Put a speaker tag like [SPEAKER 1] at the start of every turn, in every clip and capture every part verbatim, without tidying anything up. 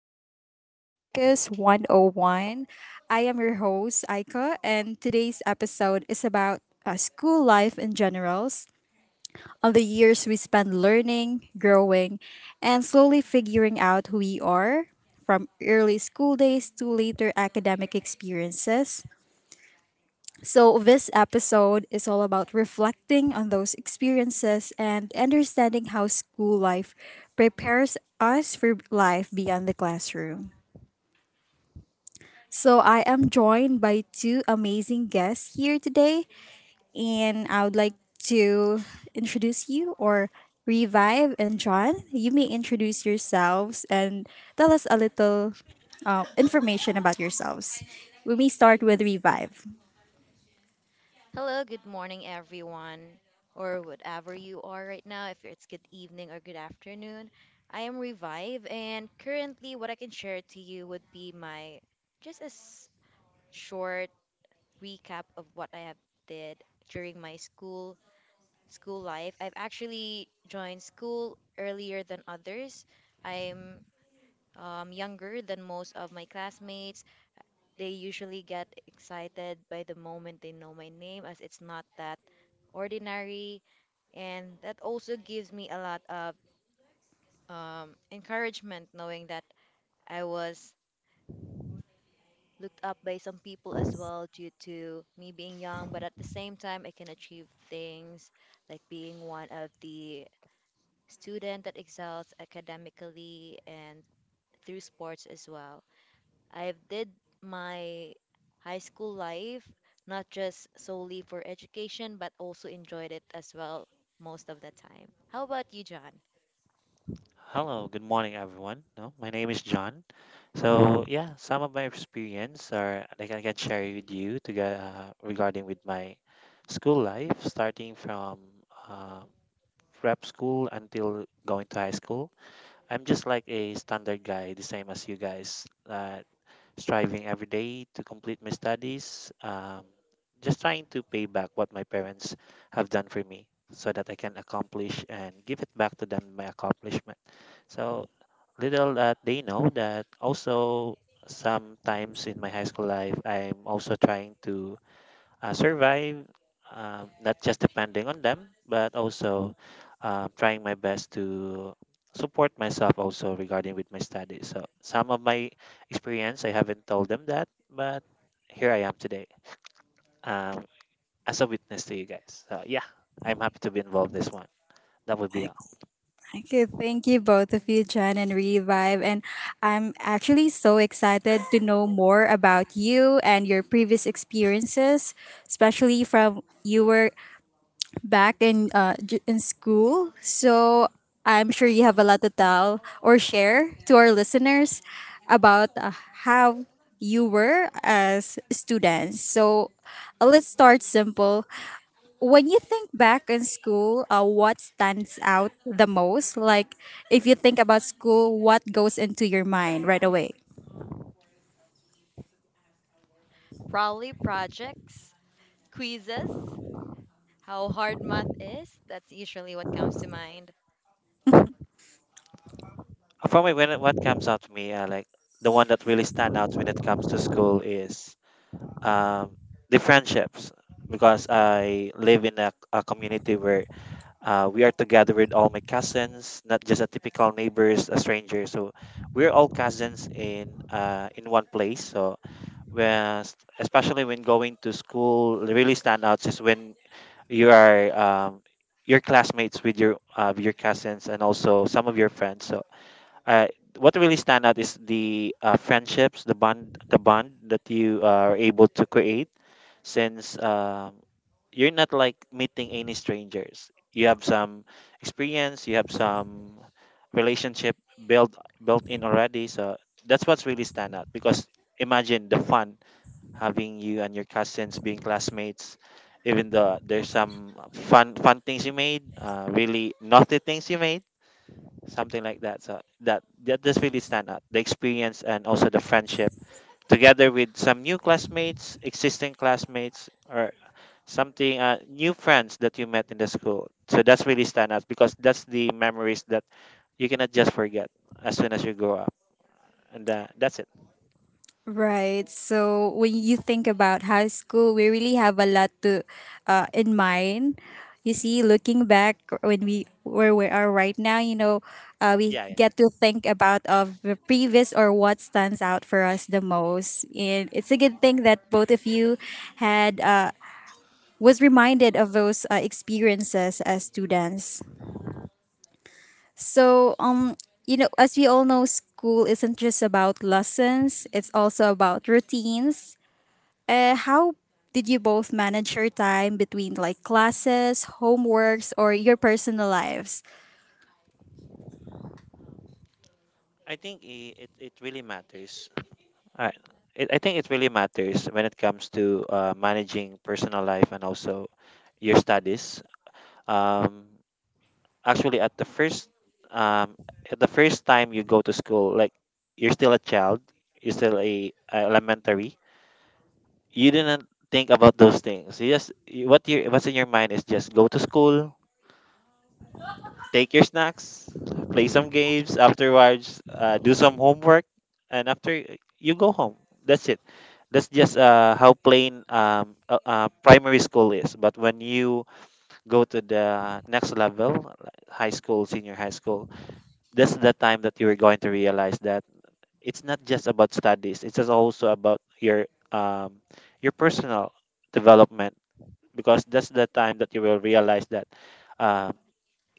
[SPEAKER 1] our T P Podcast one oh one. I am your host, Aika, and today's episode is about uh, school life in generals, on the years we spend learning, growing, and slowly figuring out who we are, from early school days to later academic experiences. So, this episode is all about reflecting on those experiences and understanding how school life prepares us for life beyond the classroom. So, I am joined by two amazing guests here today, and I would like to introduce you or Revive and John. You may introduce yourselves and tell us a little uh, information about yourselves. We may start with Revive.
[SPEAKER 2] Hello, good morning, everyone, or whatever you are right now, if it's good evening or good afternoon. I am Revive, and currently, what I can share to you would be my just a s- short recap of what I have did during my school school life. I've actually joined school earlier than others. I'm um, younger than most of my classmates. They usually get excited by the moment they know my name, as it's not that ordinary, and that also gives me a lot of um, encouragement, knowing that I was looked up by some people as well due to me being young, but at the same time I can achieve things like being one of the student that excels academically and through sports as well. I've did my high school life not just solely for education but also enjoyed it as well most of the time. How about you, John?
[SPEAKER 3] Hello, good morning, everyone. No, my name is John. So yeah, some of my experience are like I can share with you to get, uh, regarding with my school life, starting from um, prep school until going to high school. I'm just like a standard guy, the same as you guys, uh, striving every day to complete my studies, um, just trying to pay back what my parents have done for me so that I can accomplish and give it back to them my accomplishment. So little that they know that also sometimes in my high school life, I'm also trying to uh, survive, um, not just depending on them, but also um, trying my best to support myself also regarding with my studies. So some of my experience, I haven't told them that, but here I am today, um, as a witness to you guys. So yeah, I'm happy to be involved this one. That would be all.
[SPEAKER 1] Okay, thank you both of you, Jen and Revive. And I'm actually so excited to know more about you and your previous experiences, especially from you were back in uh, j- in school. So I'm sure you have a lot to tell or share to our listeners about uh, how you were as students. So uh, let's start simple when you think back in school, uh, what stands out the most? Like, if you think about school, what goes into your mind right away?
[SPEAKER 2] Probably projects, quizzes, how hard math is. That's usually what comes to mind.
[SPEAKER 3] Uh, For me, when it- what comes out to me, uh, like the one that really stand out when it comes to school is, um, the friendships, because I live in a, a community where, Uh, we are together with all my cousins, not just a typical neighbors, a stranger. So we're all cousins in uh, in one place. So when, especially when going to school, really stand out is when you are, um, your classmates with your uh, with your cousins and also some of your friends. So uh, what really stand out is the uh, friendships, the bond, the bond that you are able to create since, um, you're not like meeting any strangers. You have some experience, you have some relationship built built in already. So that's what's really stand out because imagine the fun having you and your cousins being classmates. Even though there's some fun fun things you made, uh, really naughty things you made, something like that. So that that does really stand out. The experience and also the friendship together with some new classmates, existing classmates, or something uh, new friends that you met in the school, so that's really stand out because that's the memories that you cannot just forget as soon as you grow up, and uh, that's it.
[SPEAKER 1] Right. So when you think about high school, we really have a lot to uh, in mind. You see, looking back when we where we are right now, you know, uh, we
[SPEAKER 3] Yeah, yeah.
[SPEAKER 1] get to think about of the previous or what stands out for us the most, and it's a good thing that both of you had uh, was reminded of those uh, experiences as students. So, um, you know, as we all know, school isn't just about lessons, it's also about routines. Uh, how did you both manage your time between like classes, homeworks, or your personal lives?
[SPEAKER 3] I think i- it, it really matters. I, it, I think it really matters when it comes to uh, managing personal life and also your studies. um, actually at the first, um, at the first time you go to school, like you're still a child, you're still a, a elementary, you didn't think about those things. You just you- what you— what's in your mind is just go to school, take your snacks, play some games afterwards, uh, do some homework, and after you go home. That's it. That's just uh, how plain um, uh, uh, primary school is. But when you go to the next level, like high school, senior high school, that's the time that you are going to realize that it's not just about studies. It's just also about your, um, your personal development, because that's the time that you will realize that, uh,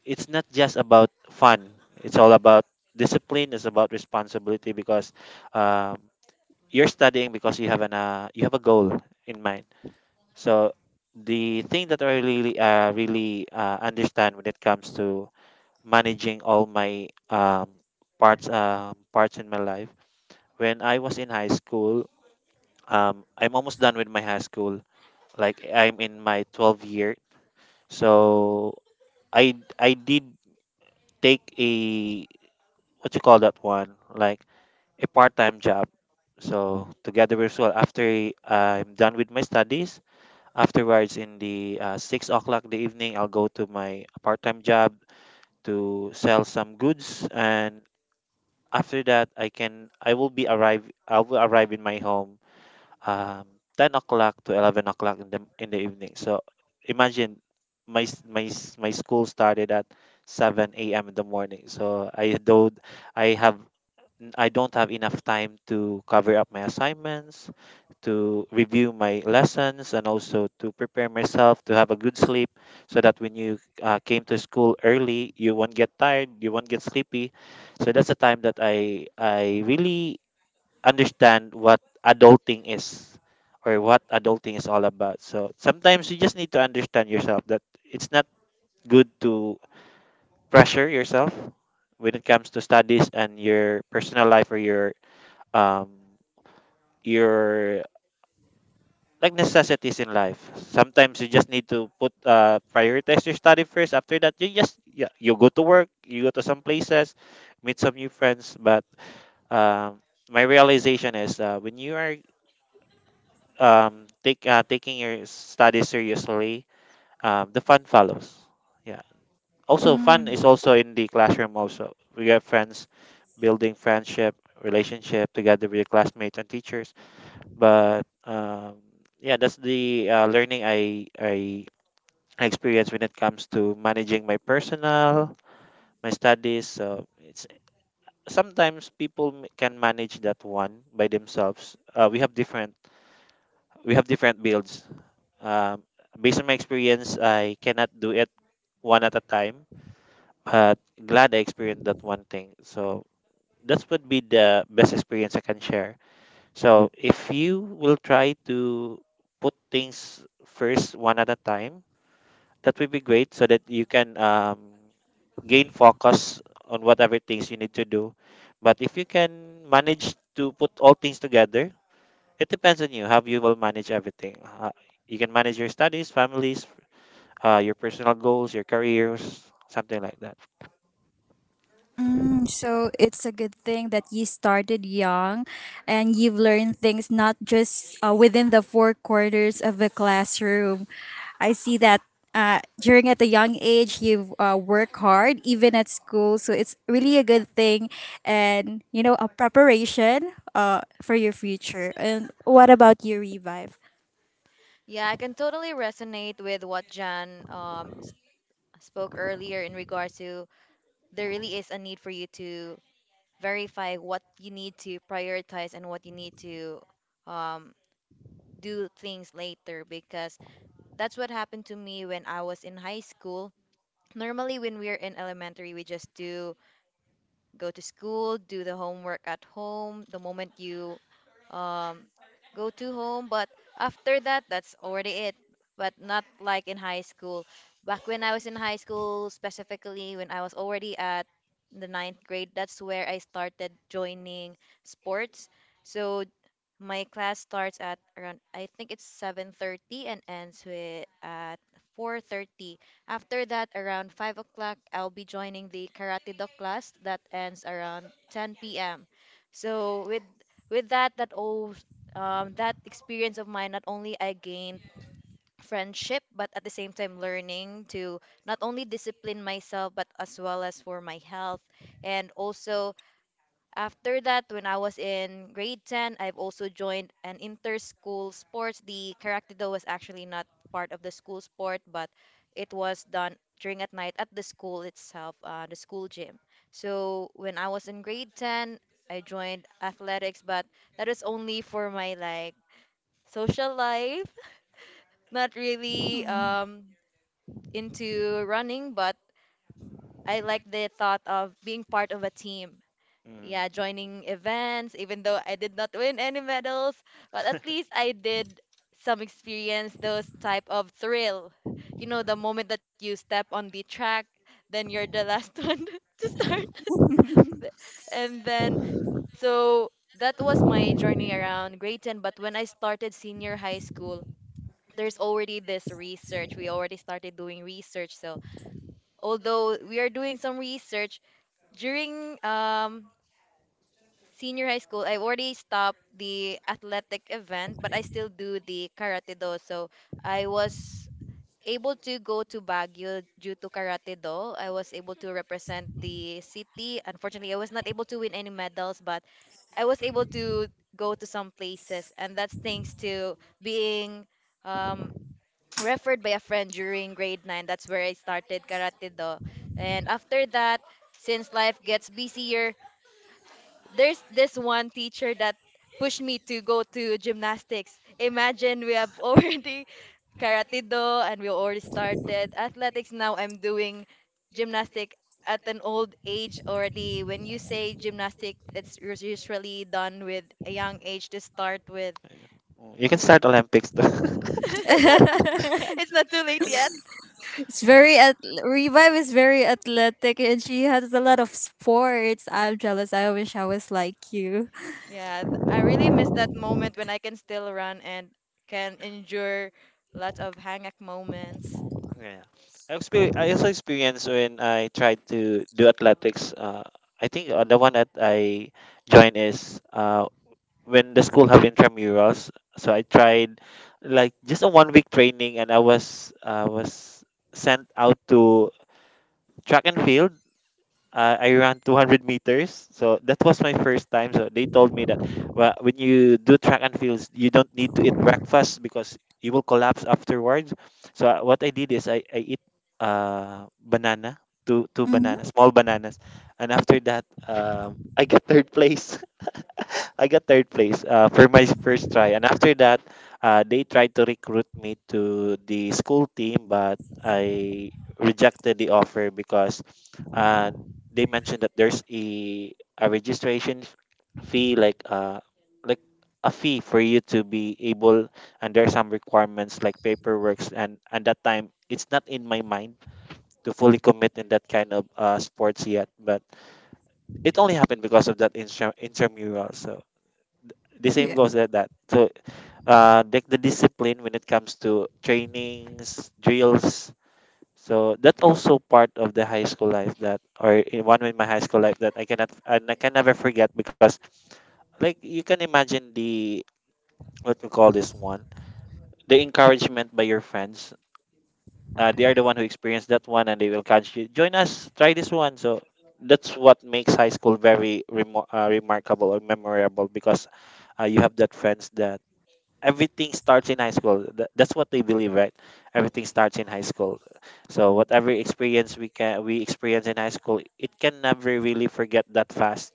[SPEAKER 3] it's not just about fun. It's all about discipline. It's about responsibility because, um, you're studying because you have an uh, you have a goal in mind. So the thing that I really uh, really uh, understand when it comes to managing all my, um, parts um parts in my life when I was in high school. Um, I'm almost done with my high school. Like I'm in my twelfth year. So I I did take a, what you call that one, like a part time job. So together with, well, after I'm done with my studies, afterwards in the uh, six o'clock the evening, I'll go to my part time job to sell some goods, and after that I can I will be arrive I will arrive in my home, um, ten o'clock to eleven o'clock in the in the evening. So imagine my s- my s- my school started at seven a m in the morning. So I don't I have I don't have enough time to cover up my assignments, to review my lessons, and also to prepare myself to have a good sleep, so that when you uh, came to school early, you won't get tired, you won't get sleepy. So that's the time that I I really understand what adulting is, or what adulting is all about. So sometimes you just need to understand yourself that it's not good to pressure yourself when it comes to studies and your personal life, or your, um your like necessities in life. Sometimes you just need to put uh prioritize your study first. After that, you just, yeah, you go to work, you go to some places, meet some new friends. But, um, my realization is, uh, when you are um take uh, taking your studies seriously, um, the fun follows. Yeah, also fun
[SPEAKER 1] Hmm.
[SPEAKER 3] is also in the classroom, also we have friends, building friendship, relationship together with your classmates and teachers. But, um, yeah, that's the uh, learning i i experience when it comes to managing my personal, my studies. So it's, sometimes people m- can manage that one by themselves. uh, we have different, we have different builds. Um, based on my experience, I cannot do it one at a time, but glad I experienced that one thing. So that would be the best experience I can share. So if you will try to put things first one at a time, that would be great so that you can, um, gain focus on whatever things you need to do. But if you can manage to put all things together, it depends on you how you will manage everything. Uh, you can manage your studies, families, uh, your personal goals, your careers, something like that.
[SPEAKER 1] Mm, so it's a good thing that you started young and you've learned things not just uh, within the four corners of the classroom. I see that uh, during at a young age, you've uh, worked hard even at school. So it's really a good thing and, you know, a preparation uh, for your future. And what about you, Revive?
[SPEAKER 2] Yeah, I can totally resonate with what Jan um, s- spoke earlier in regards to there really is a need for you to verify what you need to prioritize and what you need to um, do things later, because that's what happened to me when I was in high school. Normally, when we're in elementary, we just do go to school, do the homework at home. The moment you um, go to home. But after that, that's already it. But not like in high school. Back when I was in high school, specifically when I was already at the ninth grade, that's where I started joining sports. So my class starts at around, I think it's seven thirty, and ends with at four thirty. After that, around five o'clock, I'll be joining the Karate Do class that ends around ten p m. So with with that that oh um, that experience of mine, not only I gained friendship but at the same time learning to not only discipline myself but as well as for my health. And also, after that, when I was in grade ten, I've also joined an inter-school sports. The karate do was actually not part of the school sport, but it was done during at night at the school itself, uh, the school gym. So when I was in grade ten, I joined athletics, but that was only for my like social life. Not really
[SPEAKER 1] Mm.
[SPEAKER 2] um, into running, but I like the thought of being part of a team,
[SPEAKER 3] Mm.
[SPEAKER 2] yeah, joining events, even though I did not win any medals, but at least I did some experience those type of thrill. You know, the moment that you step on the track, then you're the last one to start. Th- And then, so that was my journey around grade ten. But when I started senior high school, there's already this research. We already started doing research. So although we are doing some research during um senior high school, I've already stopped the athletic event, but I still do the karate do. So I was able to go to Baguio due to karate do. I was able to represent the city. Unfortunately, I was not able to win any medals, but I was able to go to some places, and that's thanks to being um, referred by a friend during grade nine. That's where I started karate do. And after that, since life gets busier, there's this one teacher that pushed me to go to gymnastics. Imagine, we have already karate do and we already started athletics. Now I'm doing gymnastic at an old age already. When you say gymnastic, it's us- usually done with a young age to start with.
[SPEAKER 3] You can start Olympics too.
[SPEAKER 2] It's not too late yet.
[SPEAKER 1] It's very at- Revive is very athletic and she has a lot of sports. I'm jealous. I wish I was like you.
[SPEAKER 2] Yeah, th- I really miss that moment when I can still run and can endure lots of hang up moments.
[SPEAKER 3] Yeah. I, exper- I also experienced when I tried to do athletics. Uh, I think uh, the one that I joined is, uh, when the school have intramurals. So I tried like just a one week training, and I was I was sent out to track and field, uh, I ran two hundred meters. So that was my first time. So they told me that, well, when you do track and fields, you don't need to eat breakfast because you will collapse afterwards. So uh, what I did is I, I eat uh, banana, two, two
[SPEAKER 1] Mm-hmm.
[SPEAKER 3] bananas, small bananas. And after that, um, I got third place. I got third place uh, for my first try. And after that, uh, they tried to recruit me to the school team, but I rejected the offer because, uh, they mentioned that there's a, a registration fee, like uh, like a fee for you to be able, and there are some requirements like paperwork. And at that time, it's not in my mind to fully commit in that kind of uh, sports yet, but it only happened because of that intra- intramural. So the same
[SPEAKER 1] Yeah.
[SPEAKER 3] goes at that. So uh, the, the discipline when it comes to trainings, drills. So that's also part of the high school life that, or in one in my high school life, that I cannot and I can never forget, because like you can imagine the, what we call this one, the encouragement by your friends. Uh, they are the one who experienced that one, and they will encourage you. Join us, try this one. So that's what makes high school very remar uh, remarkable or memorable, because uh, you have that friends that everything starts in high school. Th- That's what they believe, right? Everything starts in high school. So whatever experience we can we experience in high school, it can never really forget that fast.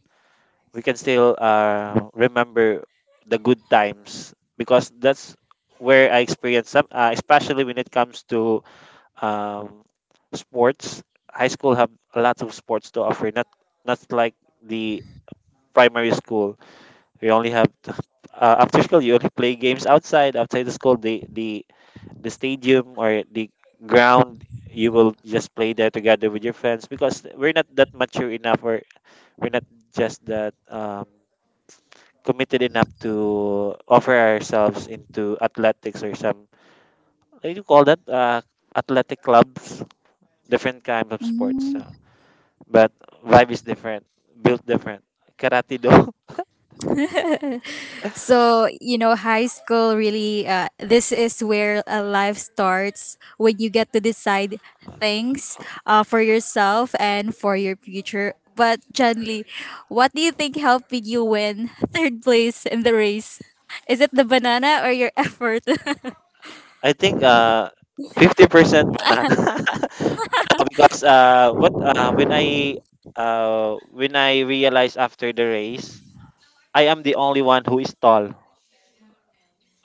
[SPEAKER 3] We can still uh, remember the good times, because that's where I experienced some, uh, especially when it comes to, um, sports. High school have lots of sports to offer, not not like the primary school. We only have uh, after school. You only play games outside, outside the school. The the the stadium or the ground. You will just play there together with your friends because we're not that mature enough, or we're not just that, um, committed enough to offer ourselves into athletics or some. What do you call that? Uh, athletic clubs, different kind of sports. Uh, but vibe is different, built different. Karate do.
[SPEAKER 1] So, you know, high school really, uh, this is where a life starts when you get to decide things uh, for yourself and for your future. But, Janly, what do you think helped you win third place in the race? Is it the banana or your effort?
[SPEAKER 3] I think uh fifty percent banana. Ano, because uh what uh when I uh when I realized after the race, I am the only one who is tall.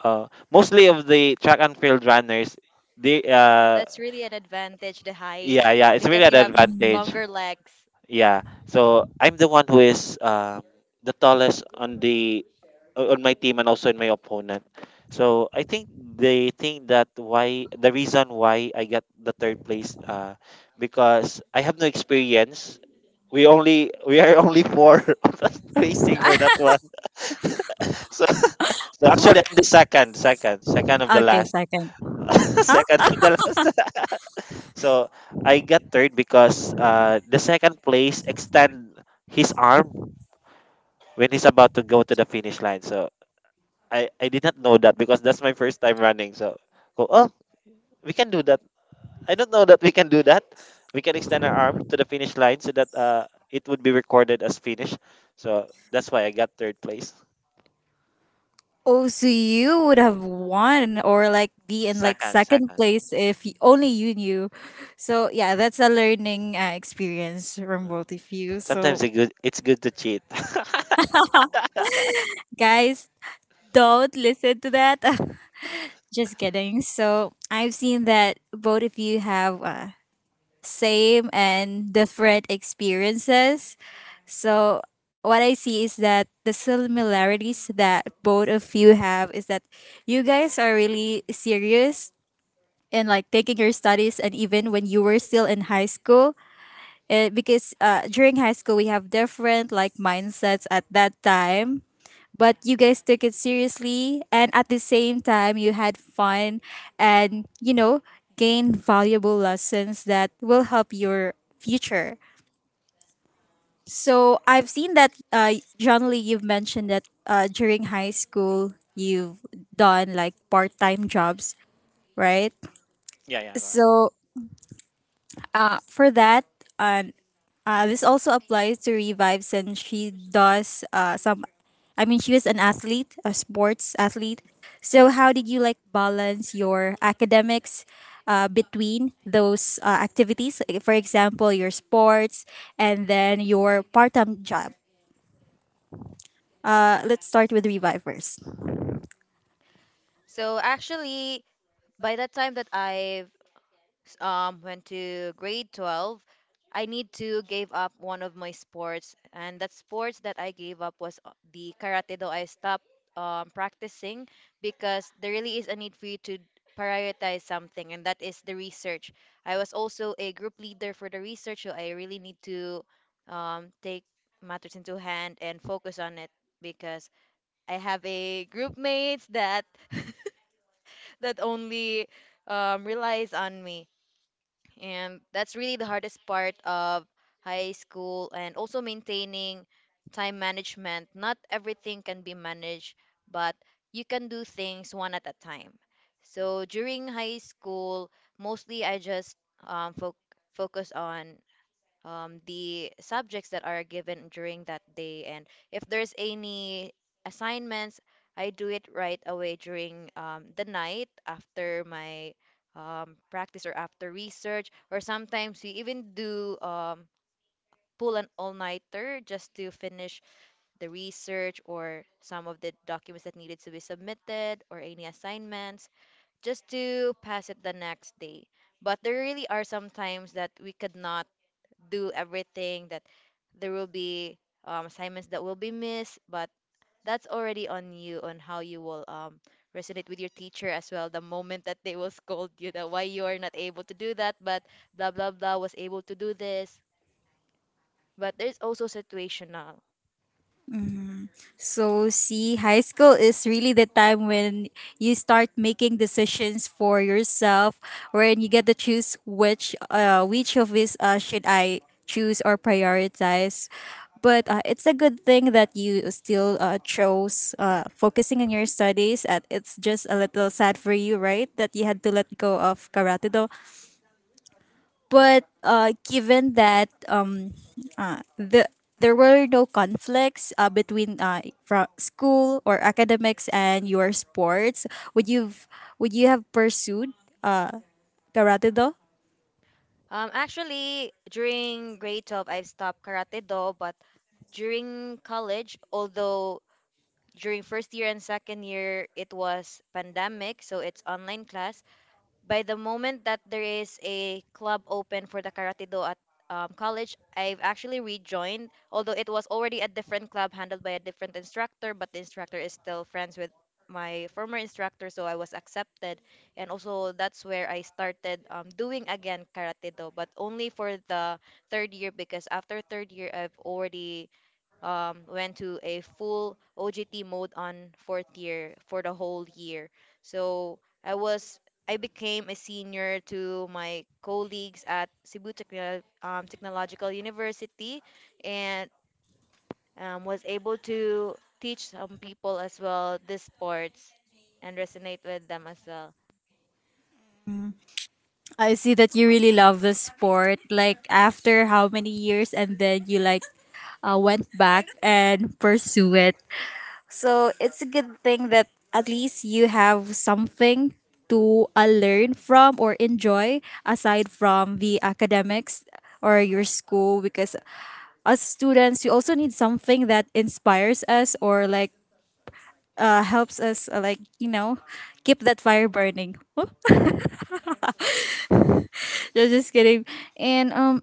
[SPEAKER 3] Uh, mostly of the track and field runners, they uh
[SPEAKER 2] That's really an advantage, the height,
[SPEAKER 3] yeah, yeah, it's really
[SPEAKER 2] because
[SPEAKER 3] an
[SPEAKER 2] you have
[SPEAKER 3] advantage.
[SPEAKER 2] longer legs.
[SPEAKER 3] Yeah. So I'm the one who is, um, the tallest on the, on my team and also in my opponent. So I think they think that why the reason why I got the third place, uh, because I have no experience. We only we are only four of us racing for that one. So so actually I'm the second, second, second of the
[SPEAKER 1] Okay,
[SPEAKER 3] last.
[SPEAKER 1] second.
[SPEAKER 3] Second of the last. So I got third because, uh, the second place extend his arm when he's about to go to the finish line. So I, I did not know that because that's my first time running. So, go, oh, we can do that. I don't know that we can do that. We can extend our arm to the finish line so that, uh, it would be recorded as finish. So that's why I got third place.
[SPEAKER 1] Oh, so you would have won or like be in like
[SPEAKER 3] Second,
[SPEAKER 1] second
[SPEAKER 3] second.
[SPEAKER 1] place if y- only you knew. So yeah, that's a learning uh, experience from
[SPEAKER 3] Uh,
[SPEAKER 1] both of you.
[SPEAKER 3] Sometimes
[SPEAKER 1] So
[SPEAKER 3] it good, it's good to cheat.
[SPEAKER 1] guys, don't listen to that. Just kidding. So I've seen that both of you have uh, same and different experiences. So what I see is that the similarities that both of you have is that you guys are really serious in like taking your studies and even when you were still in high school, uh, because uh, during high school we have different like mindsets at that time, but you guys took it seriously and at the same time you had fun and, you know, gained valuable lessons that will help your future. So I've seen that, uh, John Lee, you've mentioned that uh, during high school you've done like part-time jobs, right?
[SPEAKER 3] Yeah, yeah, correct.
[SPEAKER 1] So uh, for that, um, Uh, this also applies to Revive since she does uh, some, I mean, she was an athlete, a sports athlete. So, how did you like balance your academics uh, between those uh, activities? Like, for example, your sports and then your part time job. Uh, let's start with Revive first.
[SPEAKER 2] So actually, by the time that I've s- um, went to grade twelve, I need to give up one of my sports. And that sports that I gave up was uh, the karate, though I stopped um, practicing, because there really is a need for you to prioritize something, and that is the research. I was also a group leader for the research, so I really need to um, take matters into hand and focus on it because I have a group mates that that only um, relies on me. And that's really the hardest part of high school, and also maintaining time management. Not everything can be managed, but you can do things one at a time. So during high school, mostly I just um, fo- focus on um, the subjects that are given during that day. And if there's any assignments, I do it right away during um, the night after my um, practice or after research. Or sometimes we even do um, pull an all-nighter just to finish the research or some of the documents that needed to be submitted or any assignments just to pass it the next day. But there really are some times that we could not do everything, that there will be um, assignments that will be missed, but that's already on you on how you will um, resonate with your teacher as well the moment that they will scold you that why you are not able to do that but blah blah blah was able to do this. But there's also situational.
[SPEAKER 1] Mm. So, see, high school is really the time when you start making decisions for yourself, wherein you get to choose which, uh, which of these uh, should I choose or prioritize. But uh, it's a good thing that you still uh, chose uh, focusing on your studies. And it's just a little sad for you, right, that you had to let go of karate do. But uh, given that um, uh, the there were no conflicts uh, between uh, from school or academics and your sports, would you would you have pursued uh, karate do?
[SPEAKER 2] Um actually, during grade twelve, I've stopped karate do, but during college, although during first year and second year it was pandemic, so it's online class. By the moment that there is a club open for the karate do at um, college, I've actually rejoined, although it was already a different club handled by a different instructor, but the instructor is still friends with my former instructor, so I was accepted. And also, that's where I started um, doing again karate do, but only for the third year, because after third year, I've already um, went to a full O G T mode on fourth year for the whole year. So I was I became a senior to my colleagues at Cebu Techno- um, Technological University, and um, was able to teach some people as well this sports and resonate with them as well.
[SPEAKER 1] I see that you really love the sport. Like after how many years, and then you like uh, went back and pursue it. So it's a good thing that at least you have something to uh, learn from or enjoy aside from the academics or your school because as students we also need something that inspires us or like uh, helps us uh, like, you know, keep that fire burning. No, just kidding. And um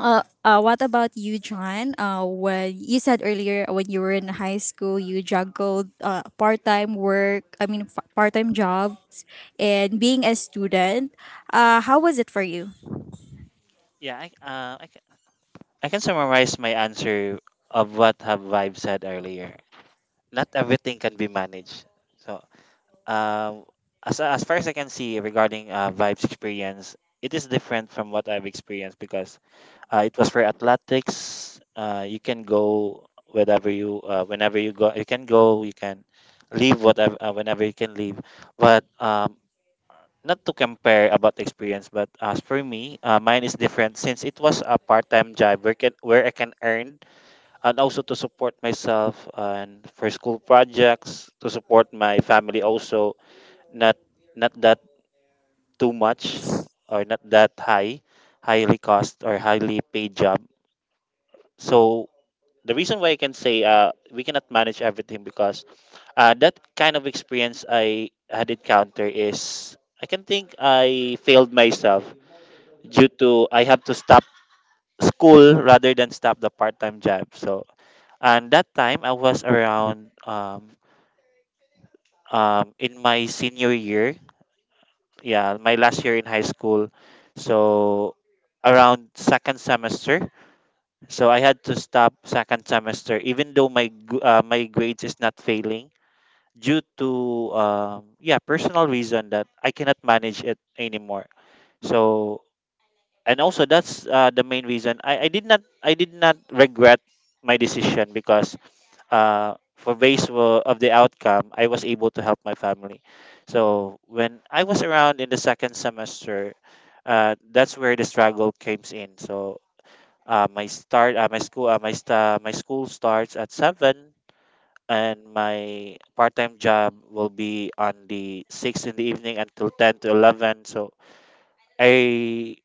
[SPEAKER 1] Uh, uh, what about you, John? Uh, when you said earlier when you were in high school, you juggled uh, part time work, I mean, f- part time jobs, and being a student. Uh, how was it for you?
[SPEAKER 3] Yeah, I, uh, I, I can summarize my answer of what have Vibe said earlier. Not everything can be managed. So, um, as as far as I can see regarding uh, Vibe's experience, it is different from what I've experienced, because uh, it was for athletics. Uh, you can go whenever you uh, whenever you go. You can go. You can leave whatever uh, whenever you can leave. But um, not to compare about the experience, but as for me, uh, mine is different since it was a part-time job where can where I can earn, and also to support myself and for school projects, to support my family also. Not too much, or not that high highly cost or highly paid job. So the reason why I can say, uh, we cannot manage everything, because uh, that kind of experience I had encounter is, I can think, I failed myself due to I have to stop school rather than stop the part-time job. So, and that time I was around, um, um in my senior year, yeah, my last year in high school. So around second semester, so I had to stop second semester even though my gr- uh, my grades is not failing due to, um yeah, personal reason that I cannot manage it anymore. So, and also, that's uh, the main reason I, I did not I did not regret my decision, because uh, for base wo- of the outcome, I was able to help my family. So when I was around in the second semester, uh, that's where the struggle comes in. So, uh, my start uh, my school uh, my sta my school starts at seven, and my part-time job will be on the six in the evening until ten to eleven. So i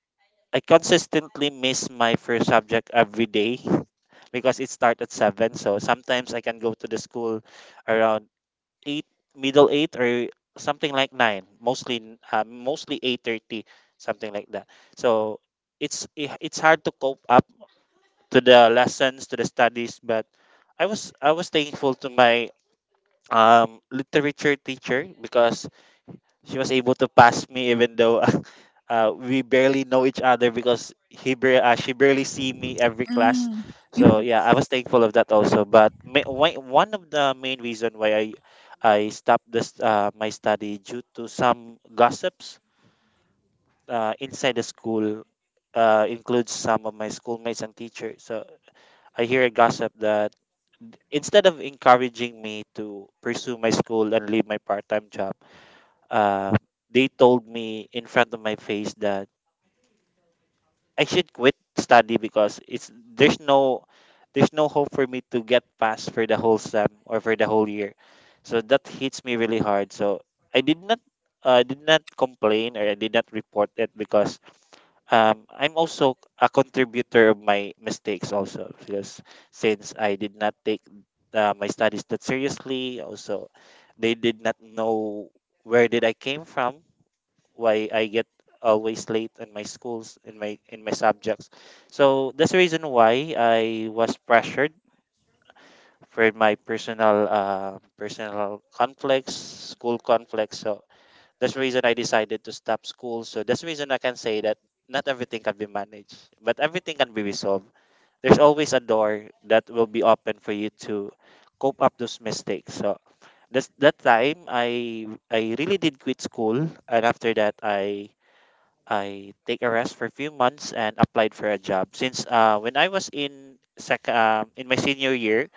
[SPEAKER 3] I consistently miss my first subject every day because it starts at seven. So sometimes I can go to the school around eight, middle eight, or something like nine, mostly n- uh, mostly eight thirty, something like that. So it's i- it's hard to cope up to the lessons, to the studies, but I was I was thankful to my um, literature teacher because she was able to pass me even though uh, we barely know each other because he bar- uh, she barely see me every class.
[SPEAKER 1] Mm.
[SPEAKER 3] So yeah, I was thankful of that also, but ma- why- one of the main reason why i i stopped this uh, my study due to some gossips, uh, inside the school, uh, includes some of my schoolmates and teachers. So I hear a gossip that, instead of encouraging me to pursue my school and leave my part-time job, uh, they told me in front of my face that I should quit study because it's there's no there's no hope for me to get past for the whole sem or for the whole year. So that hits me really hard. So I did not, uh, did not complain, or I did not report it because um, I'm also a contributor of my mistakes also, because since I did not take, uh, my studies that seriously also, they did not know where did I came from, why I get always late in my schools, in my in my subjects. So that's the reason why I was pressured for my personal, uh, personal conflicts, school conflicts. So that's the reason I decided to stop school. So that's the reason I can say that not everything can be managed, but everything can be resolved. There's always a door that will be open for you to cope up those mistakes. So that's that time I I really did quit school. And after that, I I take a rest for a few months and applied for a job. Since, uh, when I was in sec- um, in my senior year,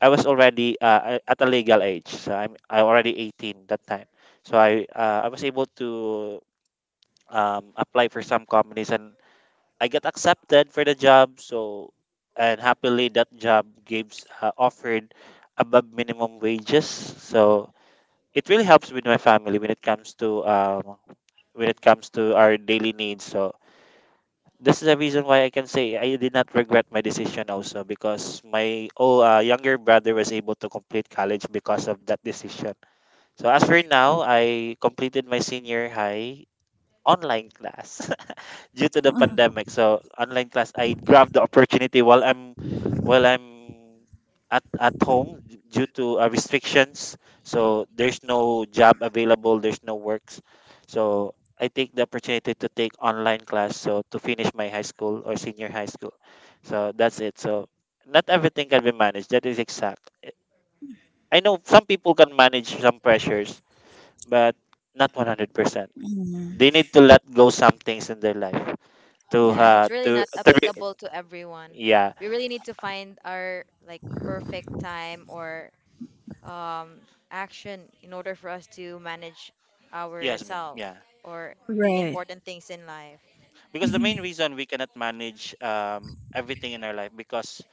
[SPEAKER 3] I was already, uh, a- at a legal age. So I'm I already eighteen that time. So I uh, I was able to um, apply for some companies, and I got accepted for the job. So, and happily, that job gives uh, offered above minimum wages. So it really helps with my family when it comes to, um, when it comes to our daily needs. So this is the reason why I can say I did not regret my decision, also because my, oh uh, younger brother was able to complete college because of that decision. So as for now, I completed my senior high online class due to the pandemic. So online class, I grabbed the opportunity while I'm, while I'm at at home d- due to uh, restrictions. So there's no job available, there's no works. So I take the opportunity to take online class, so to finish my high school or senior high school. So that's it. So not everything can be managed. That is exact. I I know some people can manage some pressures, but not one hundred percent. They need to let go some things in their life to,
[SPEAKER 2] Yeah,
[SPEAKER 1] Yeah.
[SPEAKER 2] it's
[SPEAKER 3] uh
[SPEAKER 2] really
[SPEAKER 3] to,
[SPEAKER 2] not
[SPEAKER 3] to re-
[SPEAKER 2] applicable to everyone.
[SPEAKER 3] yeah,
[SPEAKER 2] We really need to find our like perfect time or um, action in order for us to manage
[SPEAKER 3] yes, bro.
[SPEAKER 2] ourselves
[SPEAKER 3] Yeah,
[SPEAKER 2] or the
[SPEAKER 1] Right.
[SPEAKER 2] important things in life.
[SPEAKER 3] because the main reason we cannot manage um everything in our life, because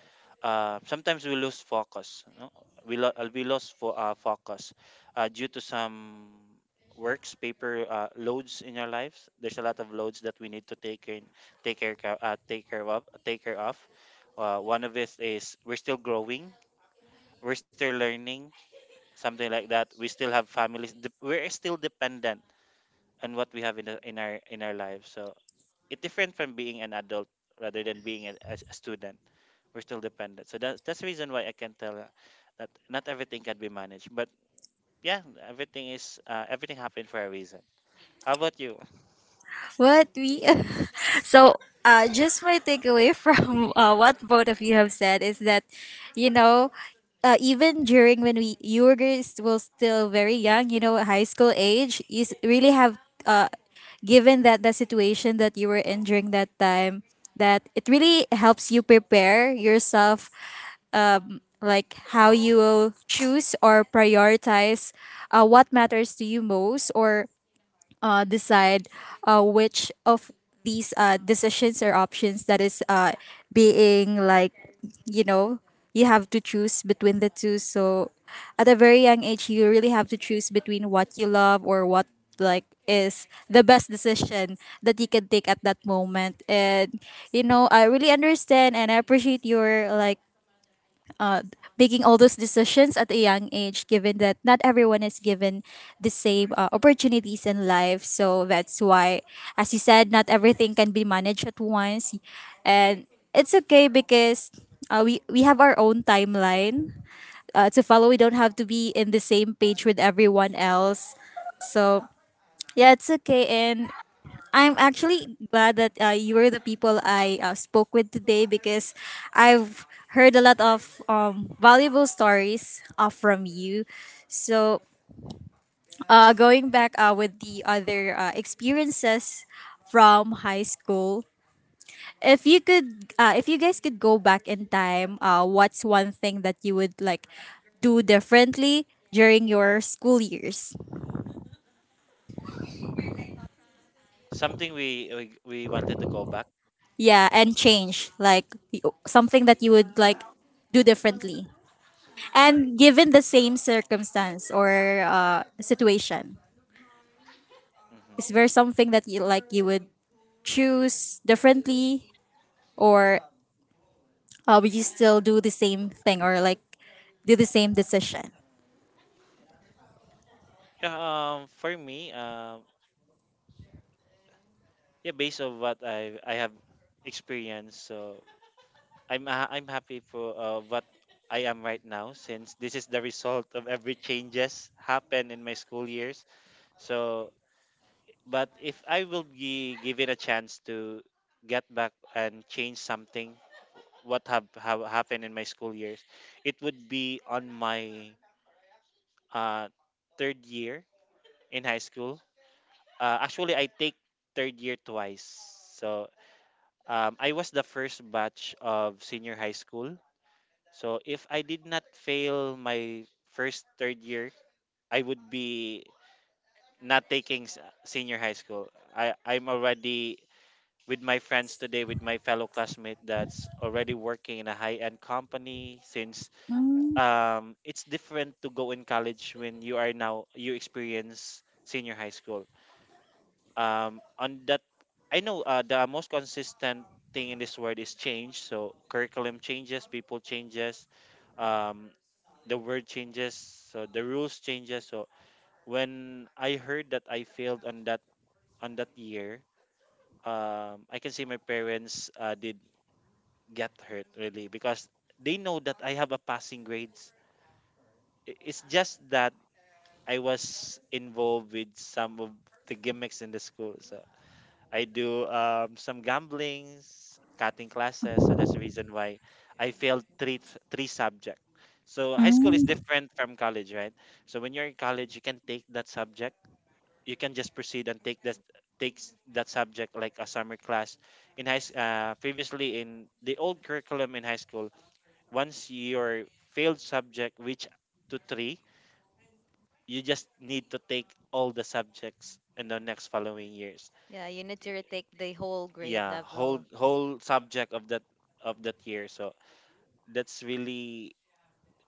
[SPEAKER 3] uh sometimes we lose focus, no? we lo- uh, we lost fo- uh, focus, uh, due to some works paper, uh, loads in our lives. There's a lot of loads that we need to take in take care ca- uh, take care of, take care of uh, one of it is, we're still growing, we're still learning, something like that. We still have families dep- we're still dependent on what we have in, the, in our in our lives. So it's different from being an adult rather than being a, a student. We're still dependent, so that's that's the reason why I can tell, uh, that not everything can be managed, but yeah, everything is uh, everything happened for a reason. How about you?
[SPEAKER 1] What we so uh just my takeaway from uh, what both of you have said is that, you know, uh, even during when we you were guys were still very young, you know, high school age, you s- really have, uh given that the situation that you were in during that time, that it really helps you prepare yourself, um, like how you will choose or prioritize uh, what matters to you most, or uh, decide uh, which of these uh, decisions or options that is uh, being like, you know, you have to choose between the two. So at a very young age you really have to choose between what you love or what like is the best decision that you can take at that moment. And, you know, I really understand and I appreciate your like making all those decisions at a young age, given that not everyone is given the same uh, opportunities in life. So that's why, as you said, not everything can be managed at once. And it's okay because uh, we, we have our own timeline uh, to follow. We don't have to be in the same page with everyone else. So yeah, it's okay. And I'm actually glad that uh, you were the people I uh, spoke with today because I've heard a lot of um, valuable stories uh, from you. So, uh, going back uh, with the other uh, experiences from high school, if you could, uh, if you guys could go back in time, uh, what's one thing that you would like do differently during your school years?
[SPEAKER 3] Something we, we, we wanted to go back.
[SPEAKER 1] Yeah, and change like y- something that you would like do differently. And given the same circumstance or uh, situation, is
[SPEAKER 3] hmm
[SPEAKER 1] there something that you like you would choose differently, or uh, would you still do the same thing or like do the same decision?
[SPEAKER 3] yeah, um for me, um yeah, based on what i i have experienced. So I'm uh, I'm happy for uh, what I am right now, since this is the result of every changes happened in my school years. So, but if I will be given a chance to get back and change something, what have, have happened in my school years, it would be on my, uh, third year in high school. Uh, actually, I take third year twice. So um, I was the first batch of senior high school. So if I did not fail my first third year, I would be not taking s- senior high school. I I'm already with my friends today, with my fellow classmate that's already working in a high-end company, since
[SPEAKER 1] Mm.
[SPEAKER 3] um it's different to go in college when you are now you experience senior high school. Um on that, I know, uh, the most consistent thing in this word is change. So curriculum changes, people changes, um the word changes, so the rules changes. So when I heard that I failed on that, on that year, um I can see my parents, uh, did get hurt really, because they know that I have a passing grades. I- it's just that I was involved with some of the gimmicks in the school, so I do um, some gamblings, cutting classes. So that's the reason why I failed three three subjects. So high school is
[SPEAKER 1] Mm.
[SPEAKER 3] different from college, right? So when you're in college, you can take that subject. You can just proceed and take that, takes that subject like a summer class. In high s- uh, previously in the old curriculum in high school, once your failed subject reach to three, you just need to take all the subjects in the next following years.
[SPEAKER 2] Yeah, you need to retake the whole grade
[SPEAKER 3] Yeah, whole
[SPEAKER 2] level.
[SPEAKER 3] whole subject of that of that year. So that's really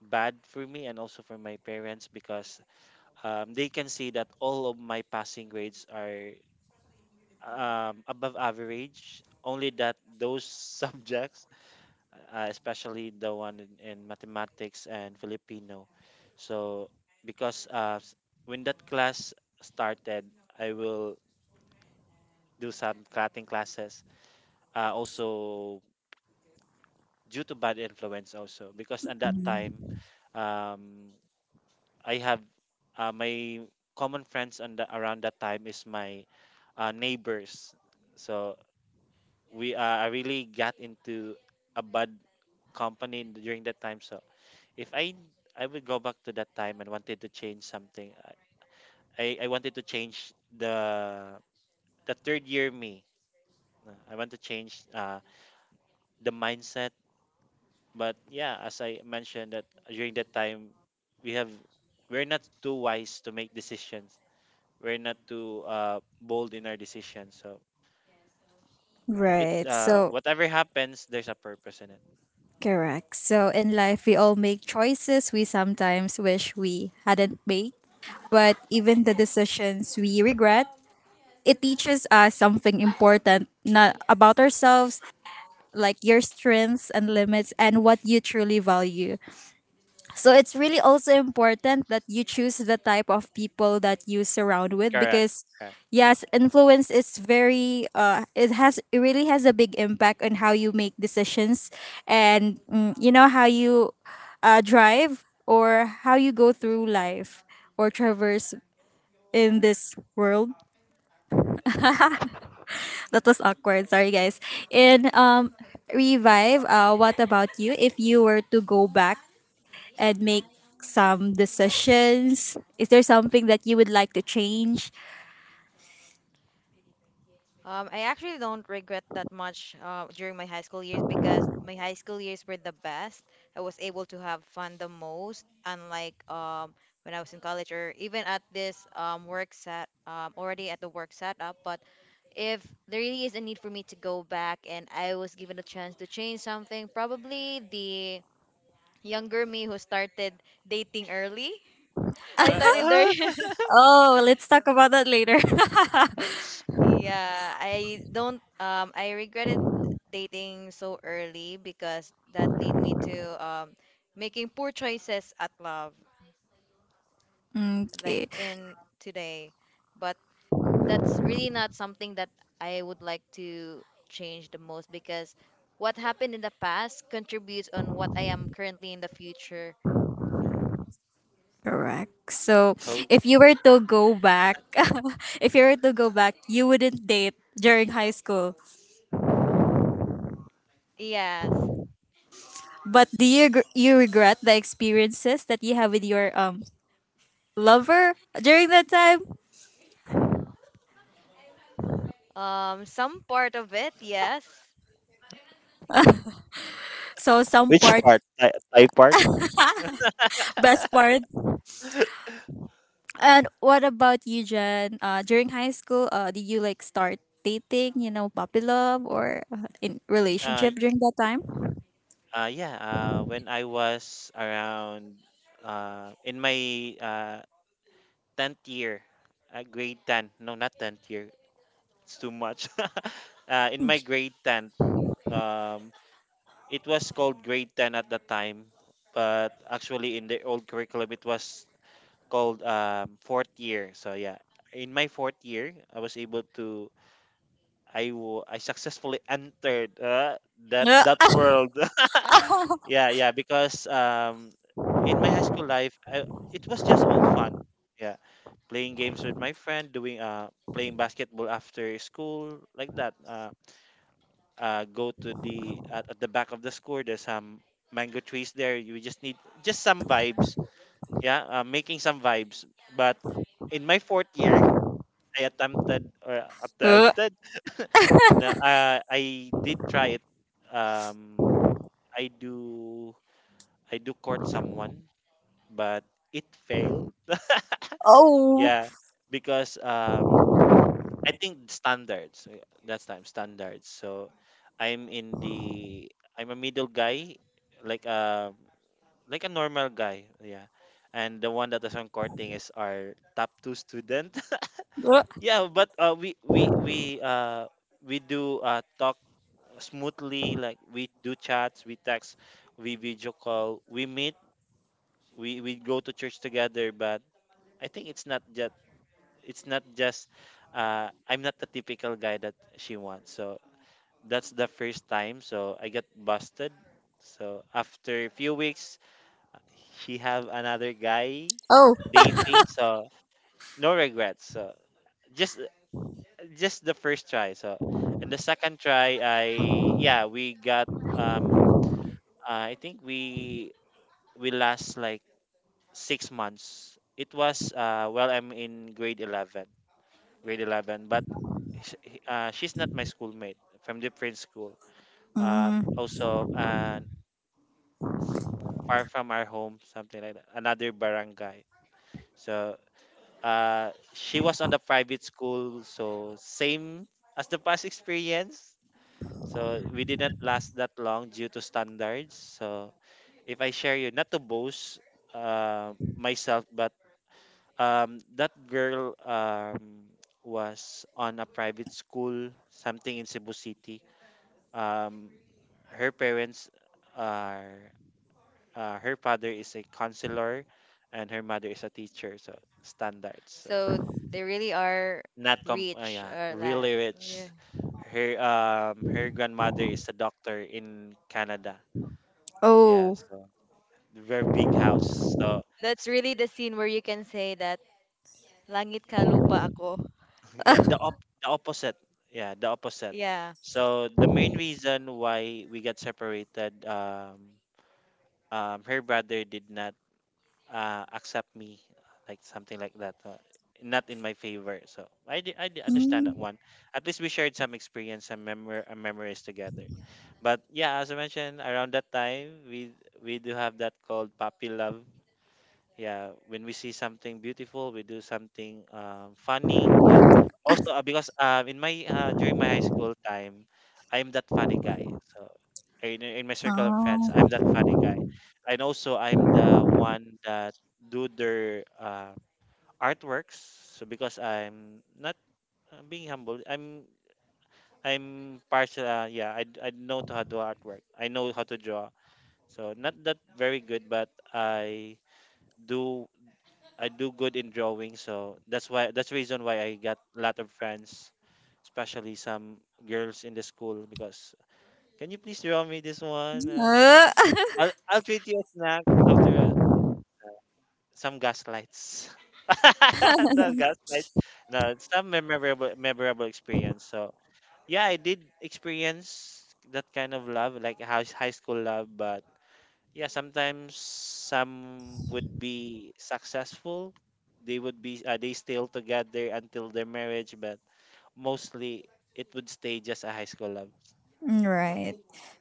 [SPEAKER 3] bad for me and also for my parents because um, they can see that all of my passing grades are um, above average, only that those subjects, uh, especially the one in, in mathematics and Filipino. So because uh, s- when that class started, I will do some cutting classes, uh, also due to bad influence, also because at that time um I have uh, my common friends, and around that time is my uh, neighbors. So we uh, I really got into a bad company during that time. So if I I would go back to that time and wanted to change something, I I, I wanted to change the the third year me. Uh, I want to change uh, the mindset. But yeah, as I mentioned, that during that time we have we're not too wise to make decisions. We're not too uh, bold in our decisions. So it
[SPEAKER 1] Right.
[SPEAKER 3] uh,
[SPEAKER 1] So
[SPEAKER 3] whatever happens, there's a purpose in it.
[SPEAKER 1] correct. So in life, we all make choices we sometimes wish we hadn't made, but even the decisions we regret, it teaches us something important not about ourselves, like your strengths and limits and what you truly value. So it's really also important that you choose the type of people that you surround with
[SPEAKER 3] Correct.
[SPEAKER 1] because
[SPEAKER 3] Correct.
[SPEAKER 1] yes, influence is very uh it has it really has a big impact on how you make decisions and, mm, you know how you uh drive or how you go through life or traverse in this world. That was awkward. Sorry, guys. And um, revive. Uh, what about you? If you were to go back and make some decisions, is there something that you would like to change?
[SPEAKER 2] Um, I actually don't regret that much uh, during my high school years, because my high school years were the best. I was able to have fun the most, unlike um, when I was in college or even at this um, work set, um, already at the work setup. But if there really is a need for me to go back and I was given a chance to change something, probably the younger me who started dating early. I started there.
[SPEAKER 1] Oh, let's talk about that later.
[SPEAKER 2] Yeah, I don't um I regretted dating so early because that lead me to um making poor choices at love like
[SPEAKER 1] Okay,
[SPEAKER 2] in today. But that's really not something that I would like to change the most, because what happened in the past contributes on what I am currently in the future.
[SPEAKER 3] Mm.
[SPEAKER 1] correct. So,
[SPEAKER 3] Coat.
[SPEAKER 1] if you were to go back, if you were to go back, you wouldn't date during high school.
[SPEAKER 2] Yes.
[SPEAKER 1] But do you gr- you regret the experiences that you have with your um lover during that time?
[SPEAKER 2] Um some part of it, yes.
[SPEAKER 1] So some
[SPEAKER 3] Which
[SPEAKER 1] part,
[SPEAKER 3] part? Thai, Thai part?
[SPEAKER 1] best part. And what about you, Jen? Uh, during high school, uh, did you like start dating? You know, puppy love or uh, in
[SPEAKER 3] uh,
[SPEAKER 1] relationship
[SPEAKER 3] y-
[SPEAKER 1] during that time?
[SPEAKER 3] uh, yeah, uh, when I was around, uh, in my uh, tenth year, uh, grade ten, no, not tenth year. It's too much. Uh, in my grade ten, um, it was called grade ten at the time, but actually in the old curriculum, it was called um, fourth year. So, yeah, in my fourth year, I was able to. I, wa- I successfully entered uh, that
[SPEAKER 1] Yeah.
[SPEAKER 3] that world. Yeah, yeah, because um, in my high school life, I, it was just all fun. Yeah, playing games with my friend, doing uh, playing basketball after school, like that. Uh, uh, go to the at, at the back of the school. There's some mango trees there. You just need Just some vibes. Yeah, uh, making some vibes. But in my fourth year, I attempted, or
[SPEAKER 1] Uh,
[SPEAKER 3] attempted. No, uh, I did try it. Um, I do I do court someone, but it failed.
[SPEAKER 1] oh.
[SPEAKER 3] Yeah, because um, I think standards. uh, That's time standards. So I'm in the I'm a middle guy, like a like a normal guy, yeah. And the one that is on courting is our top two student.
[SPEAKER 1] Uh,
[SPEAKER 3] Yeah, but uh, we we we uh we do uh talk smoothly, like we do chats, we text, we video call, we meet, we we go to church together. But I think it's not just it's not just uh I'm not the typical guy that she wants. So that's the first time. So I got busted. So after a few weeks, she have another guy
[SPEAKER 1] oh.
[SPEAKER 3] dating. So, no regrets. So, just just the first try. So, and the second try, I yeah we got um uh, I think we we last like six months. It was uh well, I'm in grade eleven, grade eleven. But sh- he- uh, she's not my schoolmate, from different school. Um
[SPEAKER 1] Mm,
[SPEAKER 3] also, and s- far from our home, something like that. Another barangay. So, uh, she was on the private school, so same as the past experience. So we didn't last that long due to standards. So if I share you, not to boast uh, myself, but um, that girl um, was on a private school, something in Cebu City. Um, her parents are, uh, Her father is a counselor and her mother is a teacher. So, standards. So,
[SPEAKER 2] So they really are
[SPEAKER 3] not
[SPEAKER 2] rich or that.
[SPEAKER 3] really rich. Her um her grandmother is a doctor in Canada. Yeah,
[SPEAKER 1] oh.
[SPEAKER 3] so, very big house. So
[SPEAKER 2] That's really the scene where you can say that langit ka lupa ako.
[SPEAKER 3] yeah, the op the opposite. Yeah, the opposite.
[SPEAKER 2] Yeah.
[SPEAKER 3] So the main reason why we got separated, um, um, her brother did not uh, accept me, like something like that. Uh, not in my favor. So I, di- I di- understand that
[SPEAKER 1] Mm,
[SPEAKER 3] one. At least we shared some experience, some memor- and memories together. But yeah, as I mentioned, around that time we we do have that called puppy love. Yeah, when we see something beautiful, we do something um, funny, yeah. Also, uh, because um, in my uh, during my high school time, I'm that funny guy. So in, in my circle of friends, I'm
[SPEAKER 1] oh.
[SPEAKER 3] that funny guy. And also, I'm the one that do their uh, artworks. So, because I'm not uh, being humble, i'm i'm partial, uh, yeah, I, I know how to do artwork, I know how to draw. So, not that very good, but i do I do good in drawing. So that's why that's the reason why I got a lot of friends, especially some girls in the school. Because, can you please draw me this one? Uh,
[SPEAKER 1] Uh,
[SPEAKER 3] I'll I'll treat you a snack after, uh, some gaslights. Not gaslights. No, some memorable memorable experience. So yeah, did experience that kind of love, like high high school love. But yeah, sometimes some would be successful. They would be uh, They still together until their marriage. But mostly, it would stay just a high school love.
[SPEAKER 1] Right.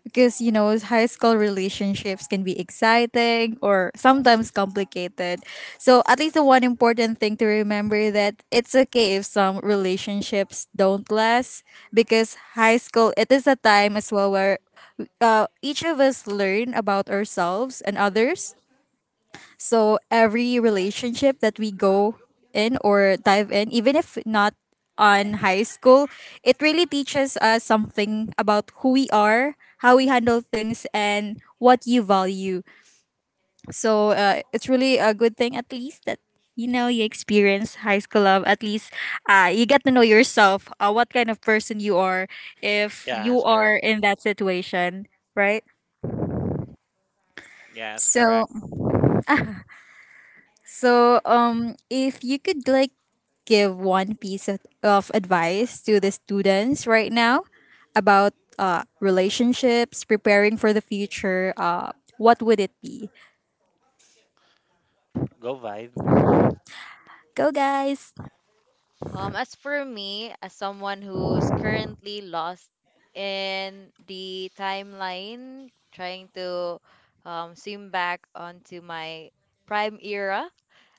[SPEAKER 1] Because, you know, high school relationships can be exciting or sometimes complicated. So, at least the one important thing to remember that it's okay if some relationships don't last because high school it is a time as well where uh, each of us learn about ourselves and others, so every relationship that we go in or dive in, even if not on high school, it really teaches us something about who we are, how we handle things, and what you value. So uh, it's really a good thing, at least that you know you experience high school love. At least uh, you get to know yourself, uh, what kind of person you are, if
[SPEAKER 3] Yeah,
[SPEAKER 1] you
[SPEAKER 3] that's
[SPEAKER 1] are
[SPEAKER 3] correct.
[SPEAKER 1] in that situation, right?
[SPEAKER 3] Yeah, that's correct.
[SPEAKER 1] So So, um, if you could like give one piece of, of advice to the students right now about uh, relationships, preparing for the future, uh, what would it be?
[SPEAKER 3] Go, Vibe.
[SPEAKER 1] Go, guys!
[SPEAKER 2] Um, as for me, as someone who's currently lost in the timeline, trying to um, swim back onto my prime era,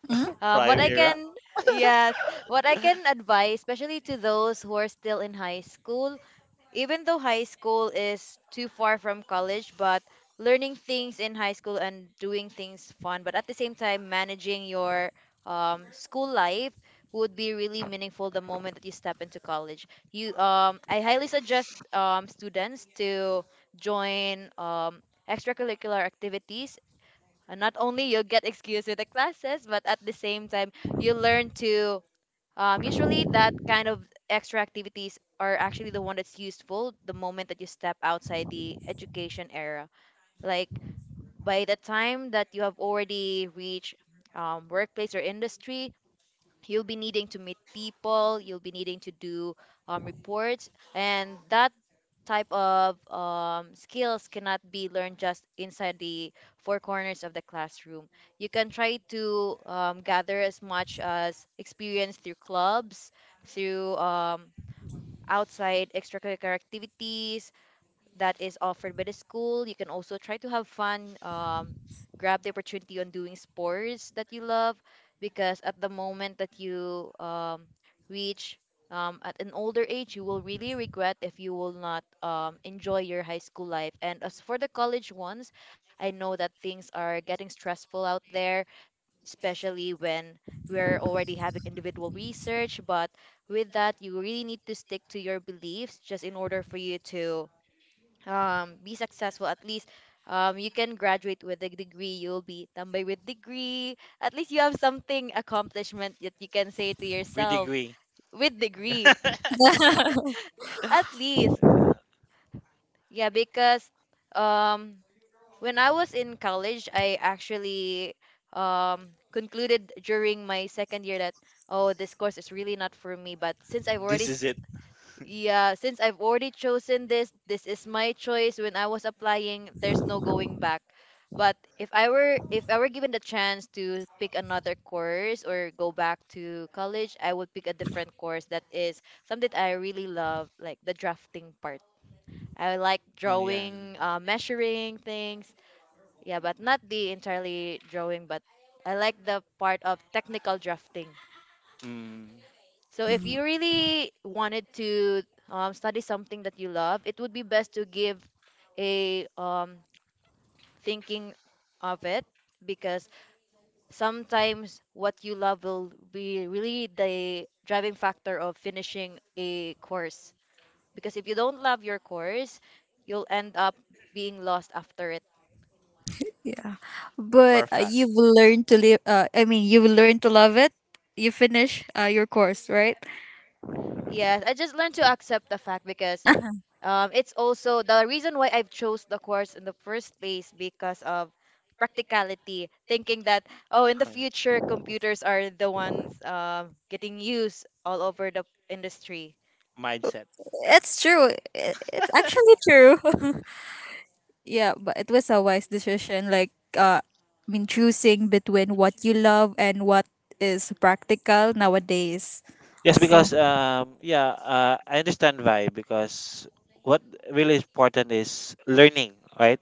[SPEAKER 1] Mm?
[SPEAKER 2] um, what I
[SPEAKER 3] Correct.
[SPEAKER 2] can, yes, what I can advise, especially to those who are still in high school. Even though high school is too far from college, but learning things in high school and doing things fun, but at the same time managing your um, school life would be really meaningful the moment that you step into college. You, um, I highly suggest um, students to join um, extracurricular activities. And not only you'll get excused with the classes, but at the same time you learn to um, usually, that kind of extra activities are actually the one that's useful the moment that you step outside the education era. Like, by the time that you have already reached um, workplace or industry, you'll be needing to meet people, you'll be needing to do um, reports. And that type of um, skills cannot be learned just inside the four corners of the classroom. You can try to um, gather as much as experience through clubs, through um, outside extracurricular activities that is offered by the school. You can also try to have fun, um, grab the opportunity on doing sports that you love, because at the moment that you um, reach um, at an older age, you will really regret if you will not um, enjoy your high school life. And as for the college ones, I know that things are getting stressful out there, especially when we're already having individual research. But with that, you really need to stick to your beliefs just in order for you to um, be successful. At least um, you can graduate with a degree. You'll be tambay with degree. At least you have something accomplishment that you can say to yourself
[SPEAKER 3] Agree.
[SPEAKER 2] with degree,
[SPEAKER 3] Yeah.
[SPEAKER 2] at least, yeah, because um, when I was in college, I actually um, concluded during my second year that, oh, this course is really not for me. But since I've already
[SPEAKER 3] This
[SPEAKER 2] s-
[SPEAKER 3] is it.
[SPEAKER 2] yeah, since I've already chosen this, this is my choice. When I was applying, there's no going back. But if I were if I were given the chance to pick another course or go back to college, I would pick a different course that is something I really love, like the drafting part. I like
[SPEAKER 3] Oh, yeah.
[SPEAKER 2] drawing, uh, measuring things. Yeah, but not the entirely drawing, but I like the part of technical drafting.
[SPEAKER 3] Mm.
[SPEAKER 2] So if you really wanted to um, study something that you love, it would be best to give a, um, thinking of it, because sometimes what you love will be really the driving factor of finishing a course. Because if you don't love your course, you'll end up being lost after it.
[SPEAKER 1] Yeah, but uh,
[SPEAKER 3] Perfect.
[SPEAKER 1] you've learned to live. Uh, I mean, you've learned to love it. You finish uh, your course, right?
[SPEAKER 2] Yes, I just learned to accept the fact, because Um, it's also the reason why I've chose the course in the first place because of practicality, thinking that, oh, in the future computers are the ones um, getting used all over the industry.
[SPEAKER 3] Mindset.
[SPEAKER 1] It's true. I- It's actually true. Yeah, but it was a wise decision. Like, uh, I mean, choosing between what you love and what is practical nowadays.
[SPEAKER 3] Yes,
[SPEAKER 1] So,
[SPEAKER 3] because um, yeah, uh, I understand why. Because what really important is learning, right?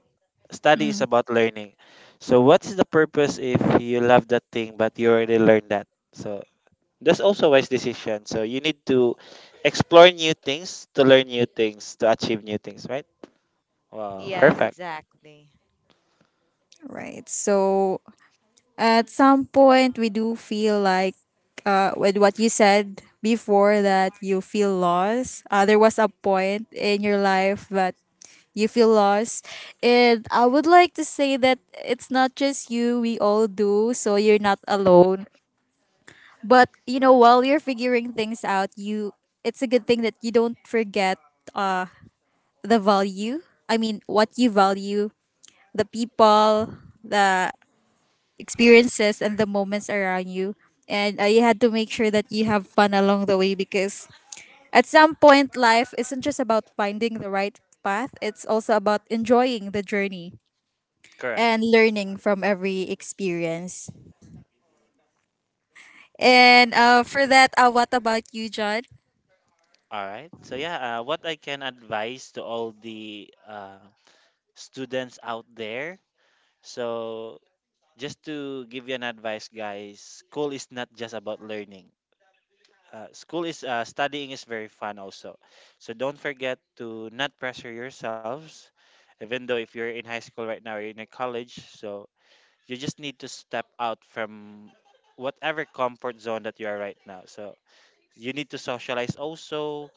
[SPEAKER 3] Study is
[SPEAKER 1] mm,
[SPEAKER 3] about learning. So what is the purpose if you love that thing but you already learned that? So that's also a wise decision. So you need to explore new things, to learn new things, to achieve new things, right? Wow,
[SPEAKER 2] Yes,
[SPEAKER 3] perfect.
[SPEAKER 2] exactly.
[SPEAKER 1] right. So, at some point, we do feel like, uh, with what you said before, that you feel lost. Uh, there was a point in your life that you feel lost. And I would like to say that it's not just you, we all do. So, you're not alone. But you know, while you're figuring things out, you it's a good thing that you don't forget the value. I mean, what you value, the people, the experiences, and the moments around you. And uh, you had to make sure that you have fun along the way because at some point, life isn't just about finding the right path, it's also about enjoying the journey
[SPEAKER 3] Correct.
[SPEAKER 1] and learning from every experience. And uh, for that, uh, what about you, John?
[SPEAKER 3] All right. So yeah, uh, what I can advise to all the uh, students out there. So, just to give you an advice, guys, school is not just about learning. Uh, school is uh, Studying is very fun also. So don't forget to not pressure yourselves, even though if you're in high school right now or in a college. So you just need to step out from whatever comfort zone that you are right now. So you need to socialize also.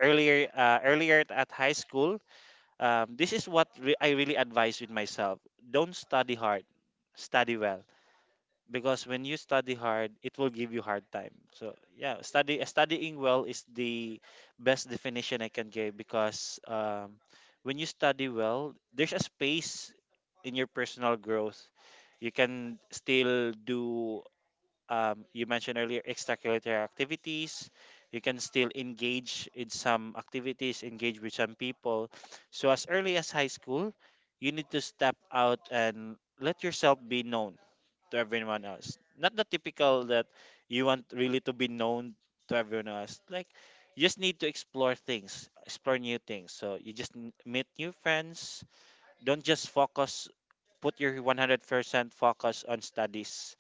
[SPEAKER 3] Earlier, uh, earlier at high school, um, this is what re- I really advise with myself. Don't study hard, study well, because when you study hard, it will give you hard time. So yeah, study studying well is the best definition I can give, because um, when you study well, there's a space in your personal growth. You can still do, um, you mentioned earlier, extracurricular activities. You can still engage in some activities, engage with some people. So as early as high school, you need to step out and let yourself be known to everyone else. Not the typical that you want really to be known to everyone else. Like, you just need to explore things, explore new things. So you just n- meet new friends. Don't just focus. Put your one hundred percent focus on studies,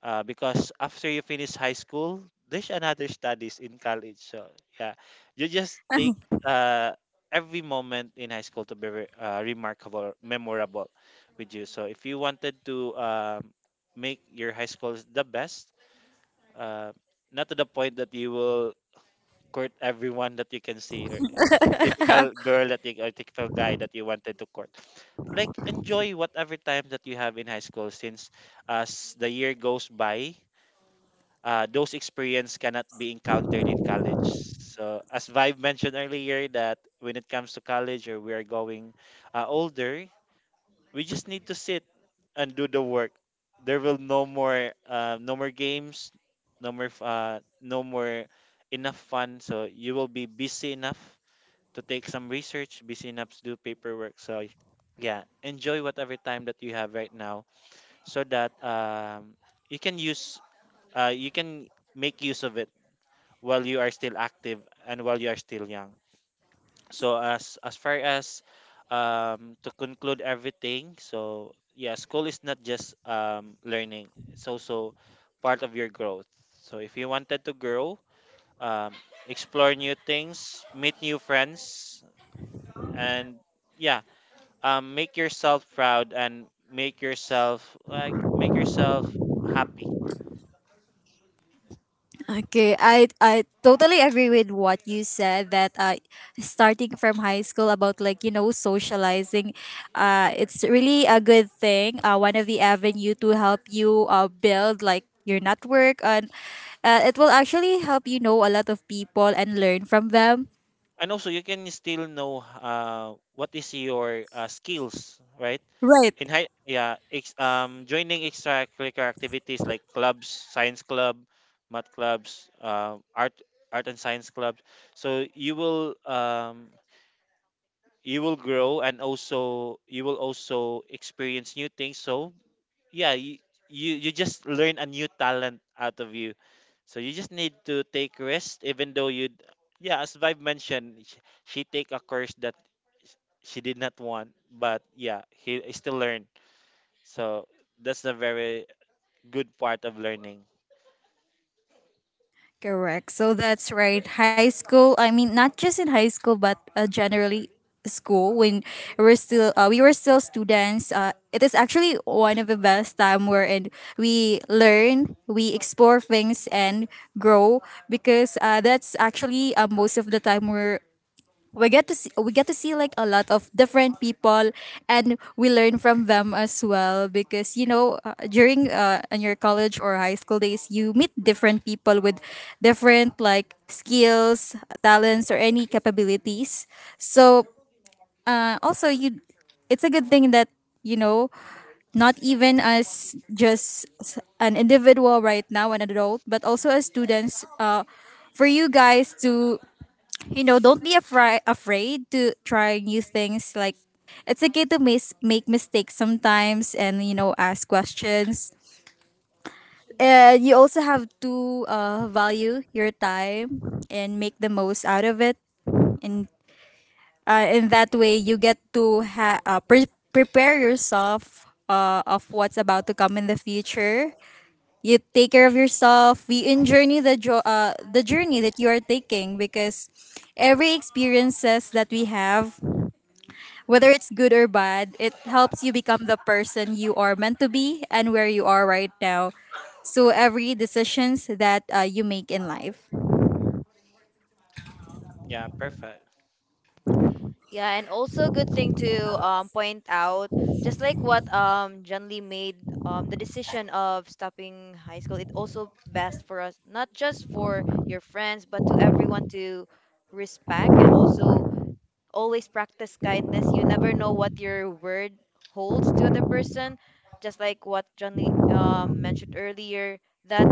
[SPEAKER 3] uh, because after you finish high school, there's another studies in college. So yeah, you just take uh, every moment in high school to be re- uh, remarkable, or memorable with you. So if you wanted to um, make your high school the best, uh, not to the point that you will court everyone that you can see, or typical girl that you, or typical guy that you wanted to court. Like, enjoy whatever time that you have in high school, since as the year goes by, uh, those experience cannot be encountered in college. So as Vibe mentioned earlier, that when it comes to college, or we are going uh, older, we just need to sit and do the work. There will no more, uh, no more games, no more f- uh, no more enough fun. So you will be busy enough to take some research, busy enough to do paperwork. So yeah, enjoy whatever time that you have right now, so that um, you can use uh, you can make use of it while you are still active and while you are still young. So as as far as, um to conclude everything, so yeah, school is not just um learning. It's also part of your growth. So if you wanted to grow, um explore new things, meet new friends, and yeah, um make yourself proud, and make yourself like make yourself happy.
[SPEAKER 1] Okay, I I totally agree with what you said that uh, starting from high school about like you know socializing, uh, it's really a good thing. Uh, one of the avenue to help you uh, build like your network and uh, it will actually help you know a lot of people and learn from them.
[SPEAKER 3] And also, you can still know uh what is your uh, skills, right?
[SPEAKER 1] Right.
[SPEAKER 3] in high yeah ex, um Joining extracurricular activities, like clubs, science club, math clubs, uh, art art and science clubs. So you will um you will grow, and also you will also experience new things. So yeah, you you, you just learn a new talent out of you. So you just need to take rest, even though you. Yeah, as Vibe mentioned, she, she take a course that she did not want, but yeah, he still learned. So that's a very good part of learning.
[SPEAKER 1] Correct. So that's right. High school, I mean not just in high school but uh, generally school when we're still uh, we were still students uh, it is actually one of the best time wherein we learn we explore things and grow because uh, that's actually uh, most of the time where we get to see we get to see like a lot of different people and we learn from them as well because you know uh, during uh, in your college or high school days you meet different people with different like skills, talents, or any capabilities. So uh, also you it's a good thing that you know, not even as just s- an individual right now, an adult, but also as students, uh, for you guys to, you know, don't be afraid afraid to try new things. Like, it's okay to mis- make mistakes sometimes, and, you know, ask questions. And you also have to uh, value your time and make the most out of it. And uh, in that way, you get to ha- uh, pre- prepare yourself. Uh, of what's about to come in the future, you take care of yourself. We enjoy the jo- uh, the journey that you are taking because every experiences that we have, whether it's good or bad, it helps you become the person you are meant to be and where you are right now. So every decisions that uh, you make in life.
[SPEAKER 3] Yeah, perfect.
[SPEAKER 2] Yeah, and also good thing to um, point out, just like what um, John Lee made um, the decision of stopping high school, it also best for us, not just for your friends, but to everyone to respect, and also always practice kindness. You never know what your word holds to other person. Just like what John Lee um, mentioned earlier, that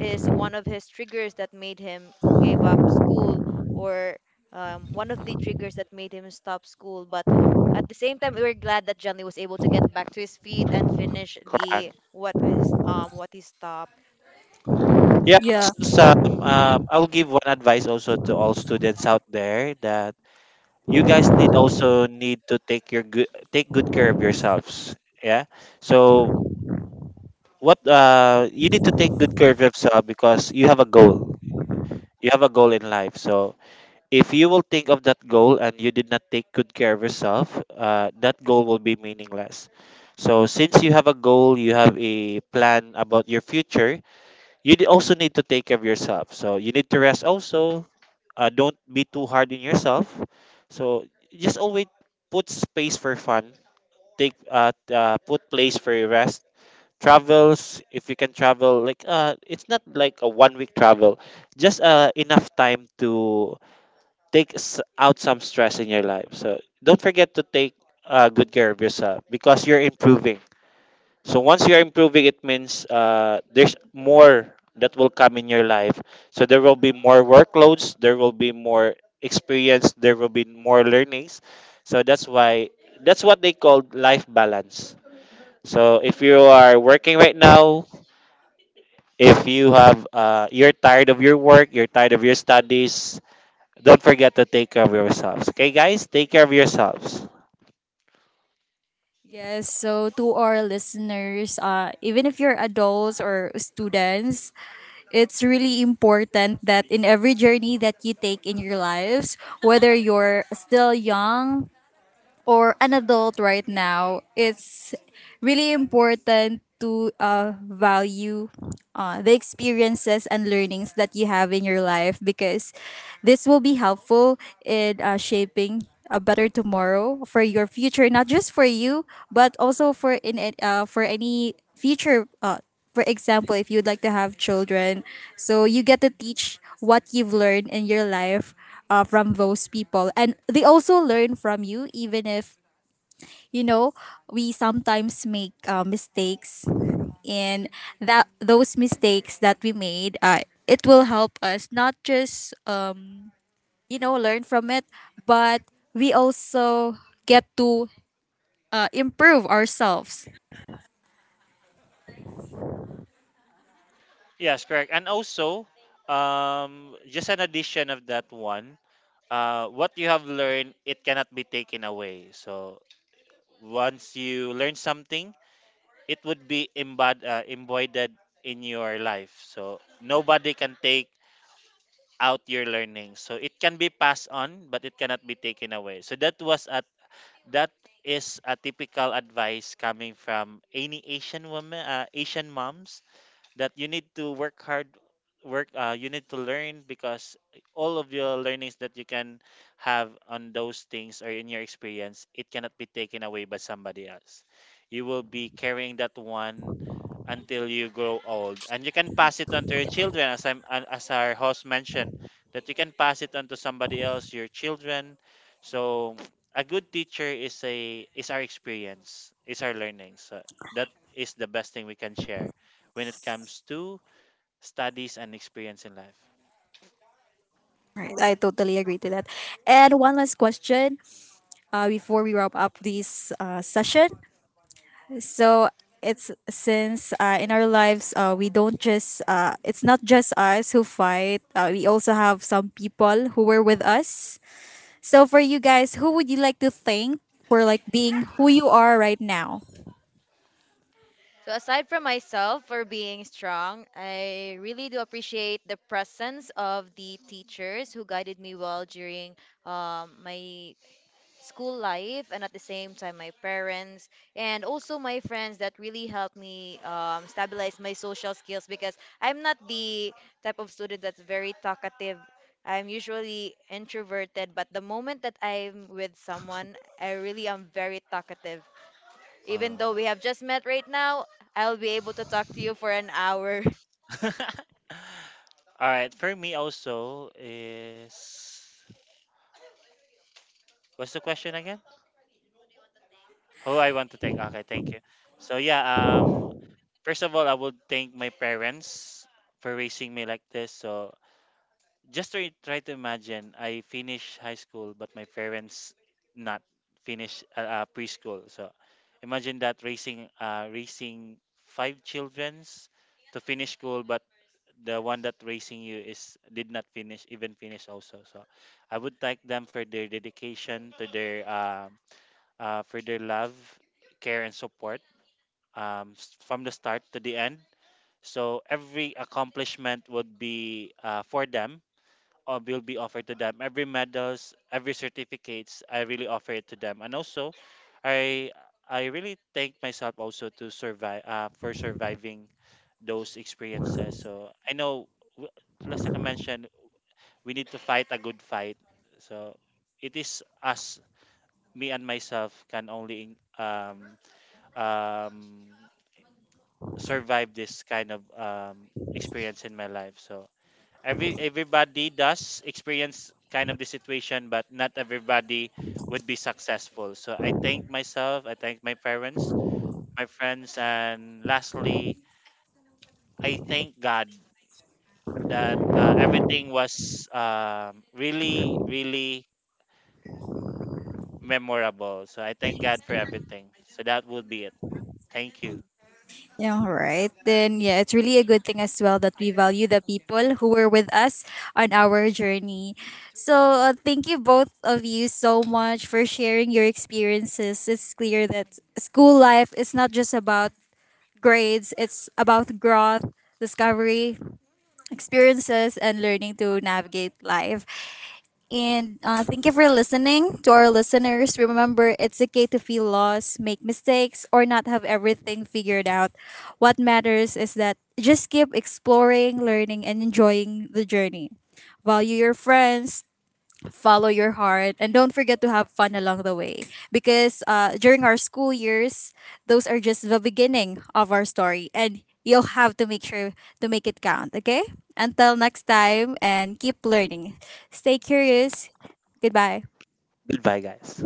[SPEAKER 2] is one of his triggers that made him give up school, or um, one of the triggers that made him stop school. But at the same time, we were glad that John Lee was able to get back to his feet and finish
[SPEAKER 3] Correct.
[SPEAKER 2] the what is um what he stopped.
[SPEAKER 3] Yeah, also
[SPEAKER 1] Yeah.
[SPEAKER 3] some, um, I'll give one advice also to all students out there, that you guys need, also need to take your good, take good care of yourselves. Yeah. So what uh You need to take good care of yourself because you have a goal. You have a goal in life. So if you will think of that goal and you did not take good care of yourself, uh, that goal will be meaningless. So, since you have a goal, you have a plan about your future, you d- also need to take care of yourself. So, you need to rest also. Uh, don't be too hard on yourself. So, just always put space for fun, take uh, t- uh, put place for your rest. Travels, if you can travel, like uh, it's not like a one week travel, just uh, enough time to take s- out some stress in your life. So don't forget to take uh, good care of yourself because you're improving. So once you're improving, it means uh, there's more that will come in your life. So there will be more workloads, there will be more experience, there will be more learnings. So that's why that's what they call life balance. So if you are working right now, if you have uh, you're tired of your work, you're tired of your studies, don't forget to take care of yourselves. Okay, guys? Take care of yourselves.
[SPEAKER 1] Yes, so to our listeners, uh, even if you're adults or students, it's really important that in every journey that you take in your lives, whether you're still young or an adult right now, it's really important to uh, value uh, the experiences and learnings that you have in your life because this will be helpful in uh, shaping a better tomorrow for your future, not just for you, but also for in it, uh, for any future uh, for example, if you'd like to have children, so you get to teach what you've learned in your life uh, from those people. And they also learn from you, even if, you know, we sometimes make uh, mistakes. And that those mistakes that we made, uh, it will help us not just, um, you know, learn from it, but we also get to uh, improve ourselves.
[SPEAKER 3] Yes, correct. And also, um, just an addition of that one, uh, what you have learned, it cannot be taken away. So once you learn something, it would be embod- uh, embodied in your life. So nobody can take out your learning. So it can be passed on, but it cannot be taken away. So that was a that is a typical advice coming from any Asian woman, uh, Asian moms that you need to work hard work uh, you need to learn because all of your learnings that you can have on those things or in your experience it cannot be taken away by somebody else. You will be carrying that one until you grow old, and you can pass it on to your children, as i'm an- as our host mentioned, that you can pass it on to somebody else, your children. So a good teacher is a is our experience, is our learning. So that is the best thing we can share when it comes to studies and experience in life.
[SPEAKER 1] Right, I totally agree to that. And one last question uh, before we wrap up this uh, session. So it's since uh, in our lives uh, we don't just uh, it's not just us who fight. Uh, we also have some people who were with us. So for you guys, who would you like to thank for like being who you are right now?
[SPEAKER 2] So aside from myself for being strong, I really do appreciate the presence of the teachers who guided me well during um, my school life, and at the same time my parents and also my friends that really helped me um, stabilize my social skills, because I'm not the type of student that's very talkative. I'm usually introverted, but the moment that I'm with someone, I really am very talkative.
[SPEAKER 3] Uh.
[SPEAKER 2] Even though we have just met right now, I'll be able to talk to you for an hour.
[SPEAKER 3] All right, for me also is, what's the question again? Who I want to thank? Okay, thank you. So yeah, um, first of all, I would thank my parents for raising me like this. So just to try to imagine, I finished high school, but my parents not finish uh, uh, preschool. So imagine that raising uh, raising five childrens to finish school, but the one that raising you is did not finish even finish also. So I would thank them for their dedication to their um uh, for their love, care and support, um, s- from the start to the end. So every accomplishment would be uh, for them, or will be offered to them. Every medals, every certificates, I really offer it to them. And also i i really thank myself also to survive, uh, for surviving those experiences. So I know, w- just like I mentioned, we need to fight a good fight. So it is us, me and myself, can only um, um, survive this kind of um, experience in my life. So every everybody does experience kind of the situation, but not everybody would be successful. So I thank myself, I thank my parents, my friends, and lastly, I thank God that uh, everything was, um, really, really memorable. So I thank God for everything. So that would be it. Thank you.
[SPEAKER 1] Yeah, all right. Then, yeah, it's really a good thing as well that we value the people who were with us on our journey. So, uh, thank you both of you so much for sharing your experiences. It's clear that school life is not just about grades, it's about growth, discovery, experiences, and learning to navigate life. And uh, thank you for listening to our listeners. Remember, it's okay to feel lost, make mistakes, or not have everything figured out. What matters is that just keep exploring, learning, and enjoying the journey. Value your friends, follow your heart, and don't forget to have fun along the way. Because uh, during our school years, those are just the beginning of our story, and you'll have to make sure to make it count, okay? Until next time, and keep learning. Stay curious. Goodbye.
[SPEAKER 3] Goodbye, guys.